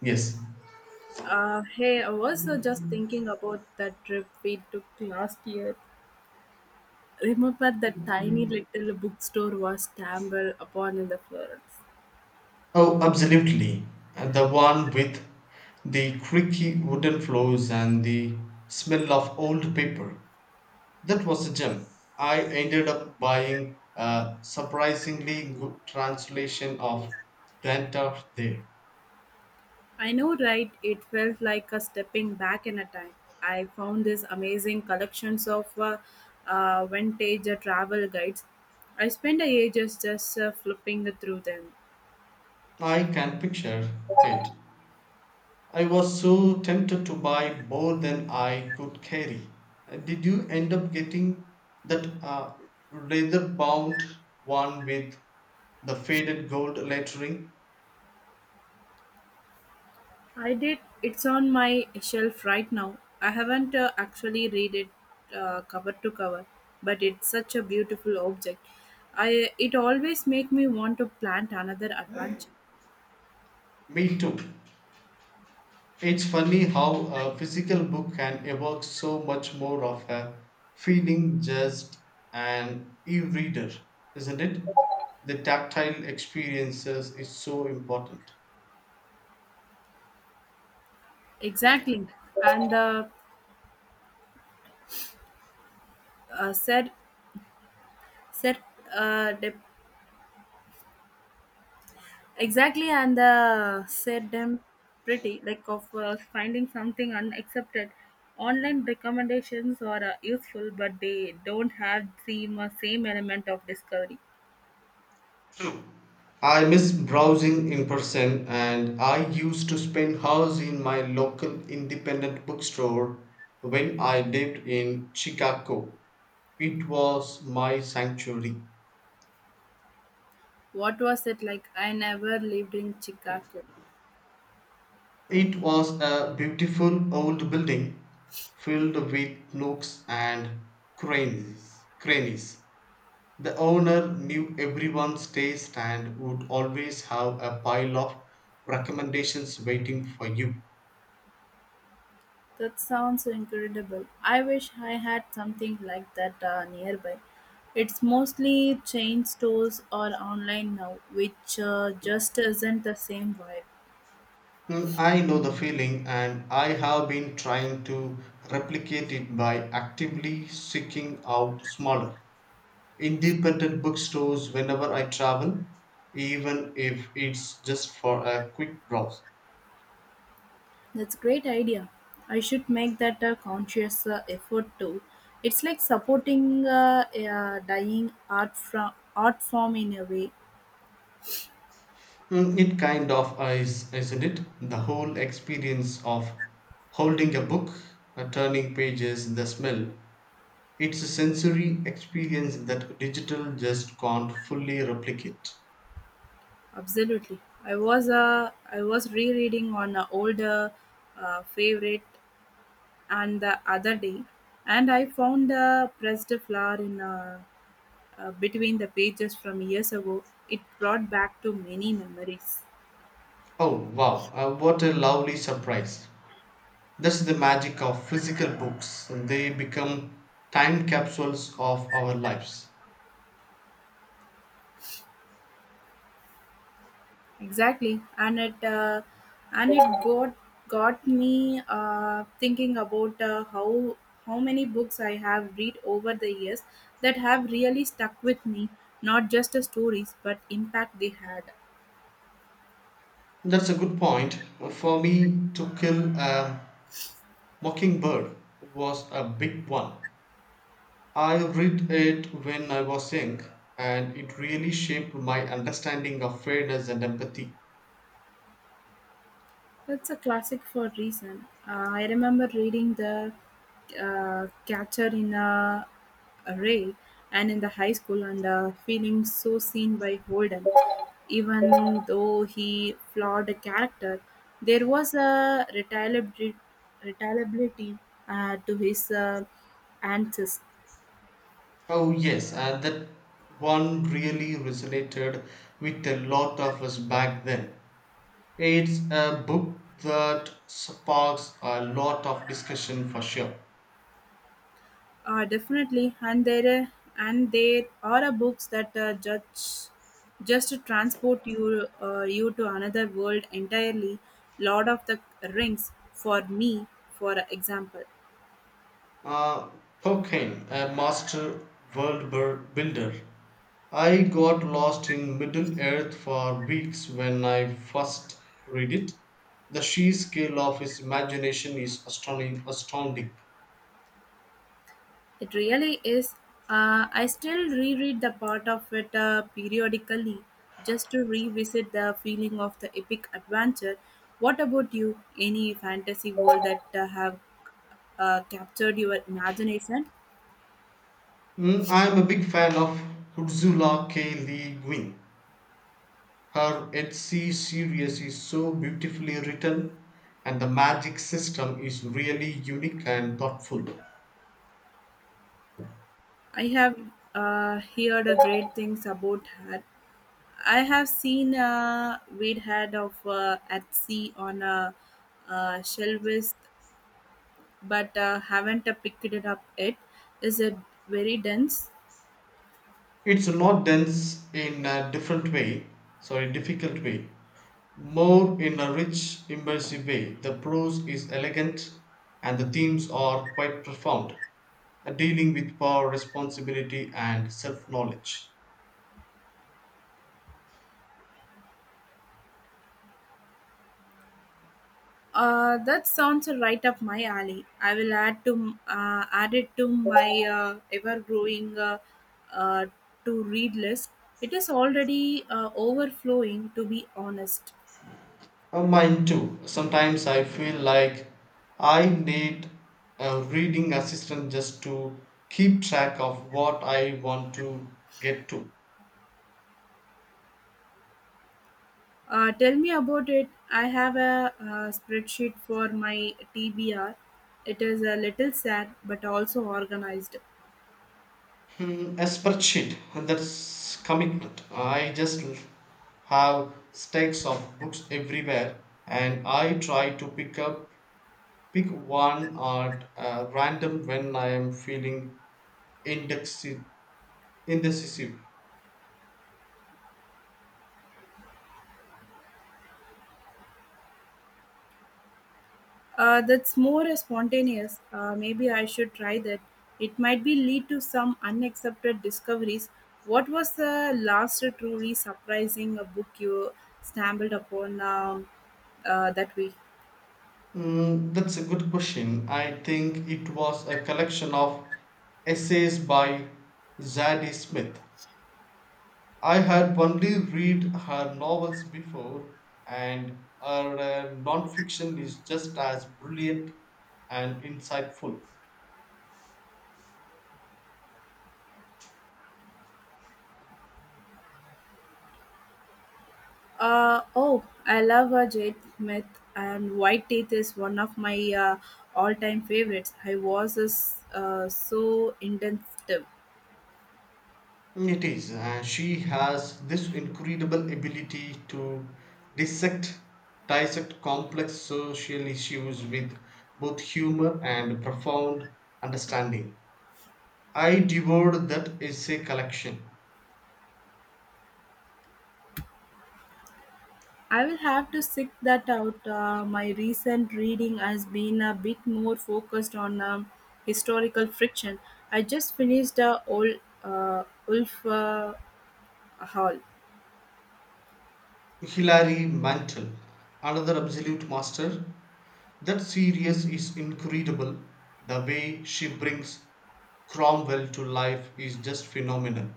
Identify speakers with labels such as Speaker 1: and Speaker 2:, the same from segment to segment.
Speaker 1: Yes.
Speaker 2: Hey, I was just thinking about that trip we took last year. Remember that tiny little bookstore was stumbled upon in the Florence?
Speaker 1: Oh, absolutely. The one with the creaky wooden floors and the smell of old paper. That was a gem. I ended up buying a surprisingly good translation of Grantor there.
Speaker 2: I know, right? It felt like a stepping back in a time. I found these amazing collections of vintage travel guides. I spent ages just flipping through them.
Speaker 1: I can picture it. I was so tempted to buy more than I could carry. Did you end up getting that leather bound one with the faded gold lettering?
Speaker 2: I did. It's on my shelf right now. I haven't actually read it cover to cover, but it's such a beautiful object. I It always make me want to plant another adventure.
Speaker 1: Me too. It's funny how a physical book can evoke so much more of a feeling just an e reader, isn't it? The tactile experiences is so important.
Speaker 2: Exactly, and the said said dep exactly and the said them pretty like of finding something unaccepted. Online recommendations are useful, but they don't have the same element of discovery.
Speaker 1: True. I miss browsing in person, and I used to spend hours in my local independent bookstore when I lived in Chicago. It was my sanctuary.
Speaker 2: What was it like? I never lived in Chicago.
Speaker 1: It was a beautiful old building filled with nooks and crannies. The owner knew everyone's taste and would always have a pile of recommendations waiting for you.
Speaker 2: That sounds so incredible. I wish I had something like that nearby. It's mostly chain stores or online now, which just isn't the same vibe.
Speaker 1: Mm, I know the feeling, and I have been trying to replicate it by actively seeking out smaller, independent bookstores whenever I travel, even if it's just for a quick browse.
Speaker 2: That's great idea. I should make that a conscious effort too. It's like supporting a dying art form in a way.
Speaker 1: Mm, it kind of is, isn't it? The whole experience of holding a book, turning pages, the smell. It's a sensory experience that digital just can't fully replicate.
Speaker 2: Absolutely. I was rereading on an older favorite and the other day, and I found a pressed flower in between the pages from years ago. It brought back to many memories.
Speaker 1: Oh wow, what a lovely surprise. That's the magic of physical books. They become time capsules of our lives.
Speaker 2: Exactly, and it got me thinking about how many books I have read over the years that have really stuck with me. Not just the stories, but impact they had.
Speaker 1: That's a good point. For me, To Kill a Mockingbird was a big one. I read it when I was young, and it really shaped my understanding of fairness and empathy.
Speaker 2: It's a classic for a reason. I remember reading the Catcher in a Rye and in the high school and feeling so seen by Holden. Even though he flawed a character, there was a retaliability to his antics.
Speaker 1: Oh, yes, and that one really resonated with a lot of us back then. It's a book that sparks a lot of discussion for sure.
Speaker 2: Definitely, and there are a books that judge just transport you to another world entirely. Lord of the Rings, for me, for example,
Speaker 1: Uh, Pocan, a master builder. I got lost in Middle Earth for weeks when I first read it. The sheer scale of his imagination is astounding.
Speaker 2: it really is. I still reread the part of it periodically just to revisit the feeling of the epic adventure. What about you? Any fantasy world that have captured your imagination?
Speaker 1: Mm, I'm a big fan of Hudzula K. Lee Guin. Her Etsy series is so beautifully written, and the magic system is really unique and thoughtful.
Speaker 2: I have heard a great things about her. I have seen a weed head of at sea on a shelves, but haven't picked it up yet. Is it very dense?
Speaker 1: It's not dense in a different way, sorry, difficult way, more in a rich, immersive way. The prose is elegant and the themes are quite profound, dealing with power, responsibility, and self knowledge.
Speaker 2: That sounds right up my alley. I will add it to my ever growing uh, to read list. It is already overflowing, to be honest.
Speaker 1: Mine too. Sometimes I feel like I need a reading assistant just to keep track of what I want to get to.
Speaker 2: Tell me about it. I have a, spreadsheet for my TBR. It is a little sad but also organized.
Speaker 1: Hmm, a spreadsheet, and that's commitment. Have stacks of books everywhere, and I try to pick one at random when I am feeling indecisive. indecisive.
Speaker 2: That's more spontaneous. Maybe I should try that. It might be lead to some unaccepted discoveries. What was the last truly surprising book you stumbled upon that week?
Speaker 1: Mm, that's a good question. I think it was a collection of essays by Zadie Smith. I had only read her novels before, and her nonfiction is just as brilliant and insightful.
Speaker 2: Oh, I love a Jade Smith, and White Teeth is one of my all time favorites. I was is, so intensive.
Speaker 1: It is. She has this incredible ability to dissect, dissect complex social issues with both humor and profound understanding. I devoured that essay collection.
Speaker 2: I will have to seek that out. My recent reading has been a bit more focused on historical friction. I just finished old Ulf Hall.
Speaker 1: Hilary Mantel, another absolute master. That series is incredible. The way she brings Cromwell to life is just phenomenal.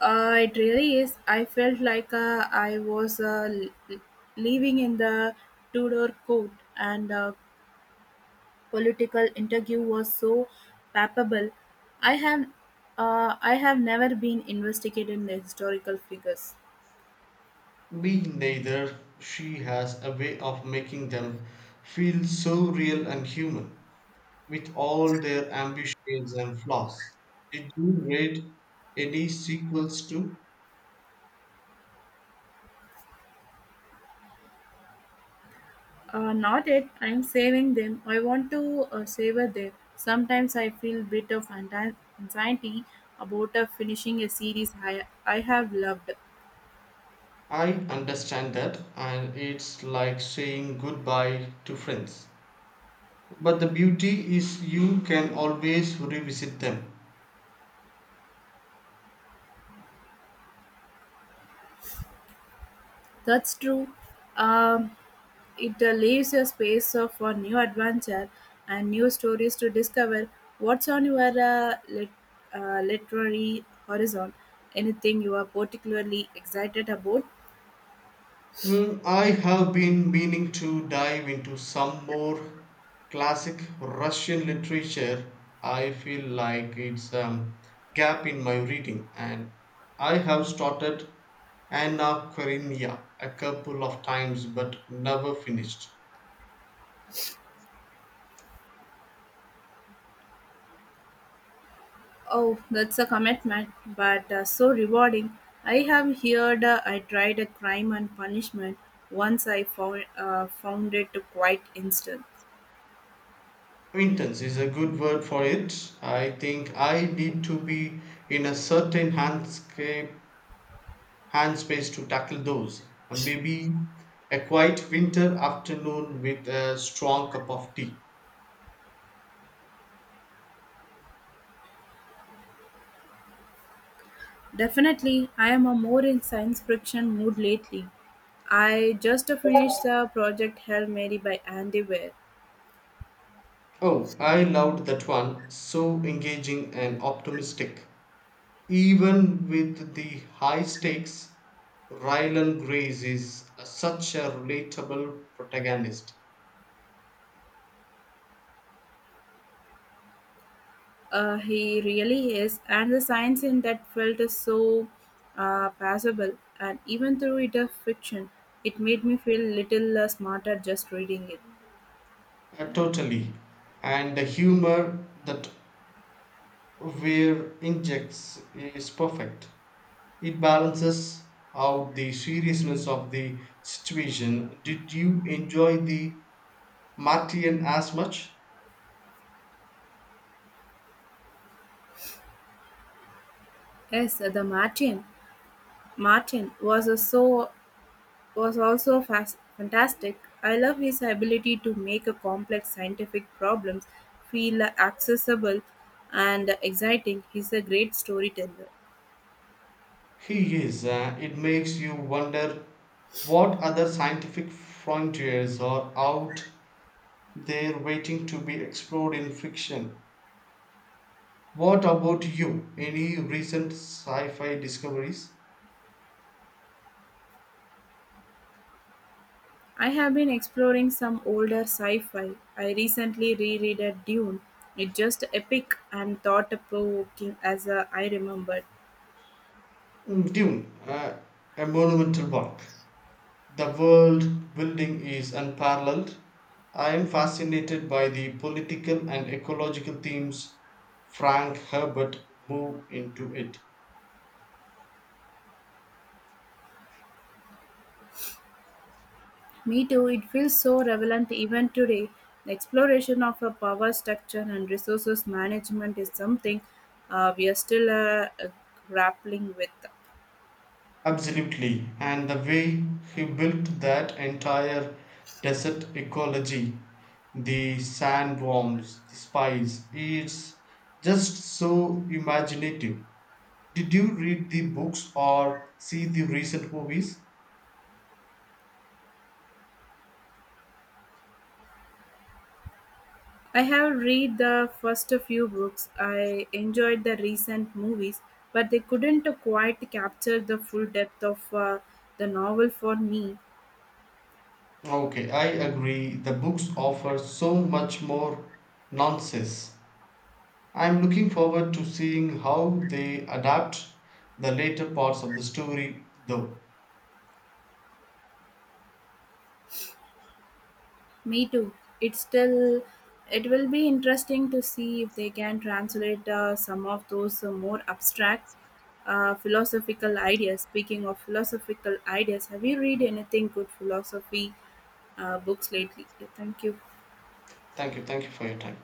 Speaker 2: It really is. I felt like living in the Tudor court and political interview was so palpable. I have, I have never been investigated in the historical figures.
Speaker 1: Me neither. She has a way of making them feel so real and human, with all their ambitions and flaws. Did you read any sequels to?
Speaker 2: Not it. I'm saving them. I want to savor them. Sometimes I feel bit of anxiety about finishing a series I have loved.
Speaker 1: I understand that, and it's like saying goodbye to friends. But the beauty is you can always revisit them.
Speaker 2: That's true. Um, it leaves a space of for new adventure and new stories to discover. What's on your literary horizon? Anything you are particularly excited about?
Speaker 1: Hmm, I have been meaning to dive into some more classic Russian literature. I feel like it's a gap in my reading, and I have started Anna Karenina a couple of times but never finished.
Speaker 2: Oh, that's a commitment, but so rewarding. I have heard I tried a crime and punishment once I found, found it quite instant.
Speaker 1: Intense is a good word for it. I think I need to be in a certain handscape, hand space to tackle those. Maybe a quiet winter afternoon with a strong cup of tea.
Speaker 2: Definitely, I am a more in science fiction mood lately. I just finished the project Hail Mary by Andy Weir.
Speaker 1: Oh, I loved that one. So engaging and optimistic. Even with the high stakes, Rylan Grace is such a relatable protagonist.
Speaker 2: He really is, and the science in that felt is so passable, and even though it is fiction, it made me feel little smarter just reading it.
Speaker 1: Totally. And the humor that where injects is perfect. It balances out the seriousness of the situation. Did you enjoy the Martian as much?
Speaker 2: Yes, the Martin. Martin was was also fantastic. I love his ability to make a complex scientific problems feel accessible and exciting. He's a great storyteller.
Speaker 1: He is. It makes you wonder what other scientific frontiers are out there waiting to be explored in fiction. What about you? Any recent sci fi discoveries?
Speaker 2: I have been exploring some older sci-fi. I recently reread a Dune. It's just epic and thought-provoking as I remembered.
Speaker 1: Mm, Dune, a monumental work. The world building is unparalleled. I am fascinated by the political and ecological themes Frank Herbert moved into it.
Speaker 2: Me too, it feels so relevant even today. The exploration of a power structure and resources management is something we are still grappling with.
Speaker 1: Absolutely. And the way he built that entire desert ecology, the sandworms, the spice, it's just so imaginative. Did you read the books or see the recent movies?
Speaker 2: I have read the first few books. I enjoyed the recent movies, but they couldn't quite capture the full depth of the novel for me.
Speaker 1: Okay, I agree. The books offer so much more nonsense. I'm looking forward to seeing how they adapt the later parts of the story, though.
Speaker 2: Me too. It's still, it will be interesting to see if they can translate some of those more abstract philosophical ideas. Speaking of philosophical ideas, have you read anything good philosophy books lately? Thank you.
Speaker 1: Thank you for your time.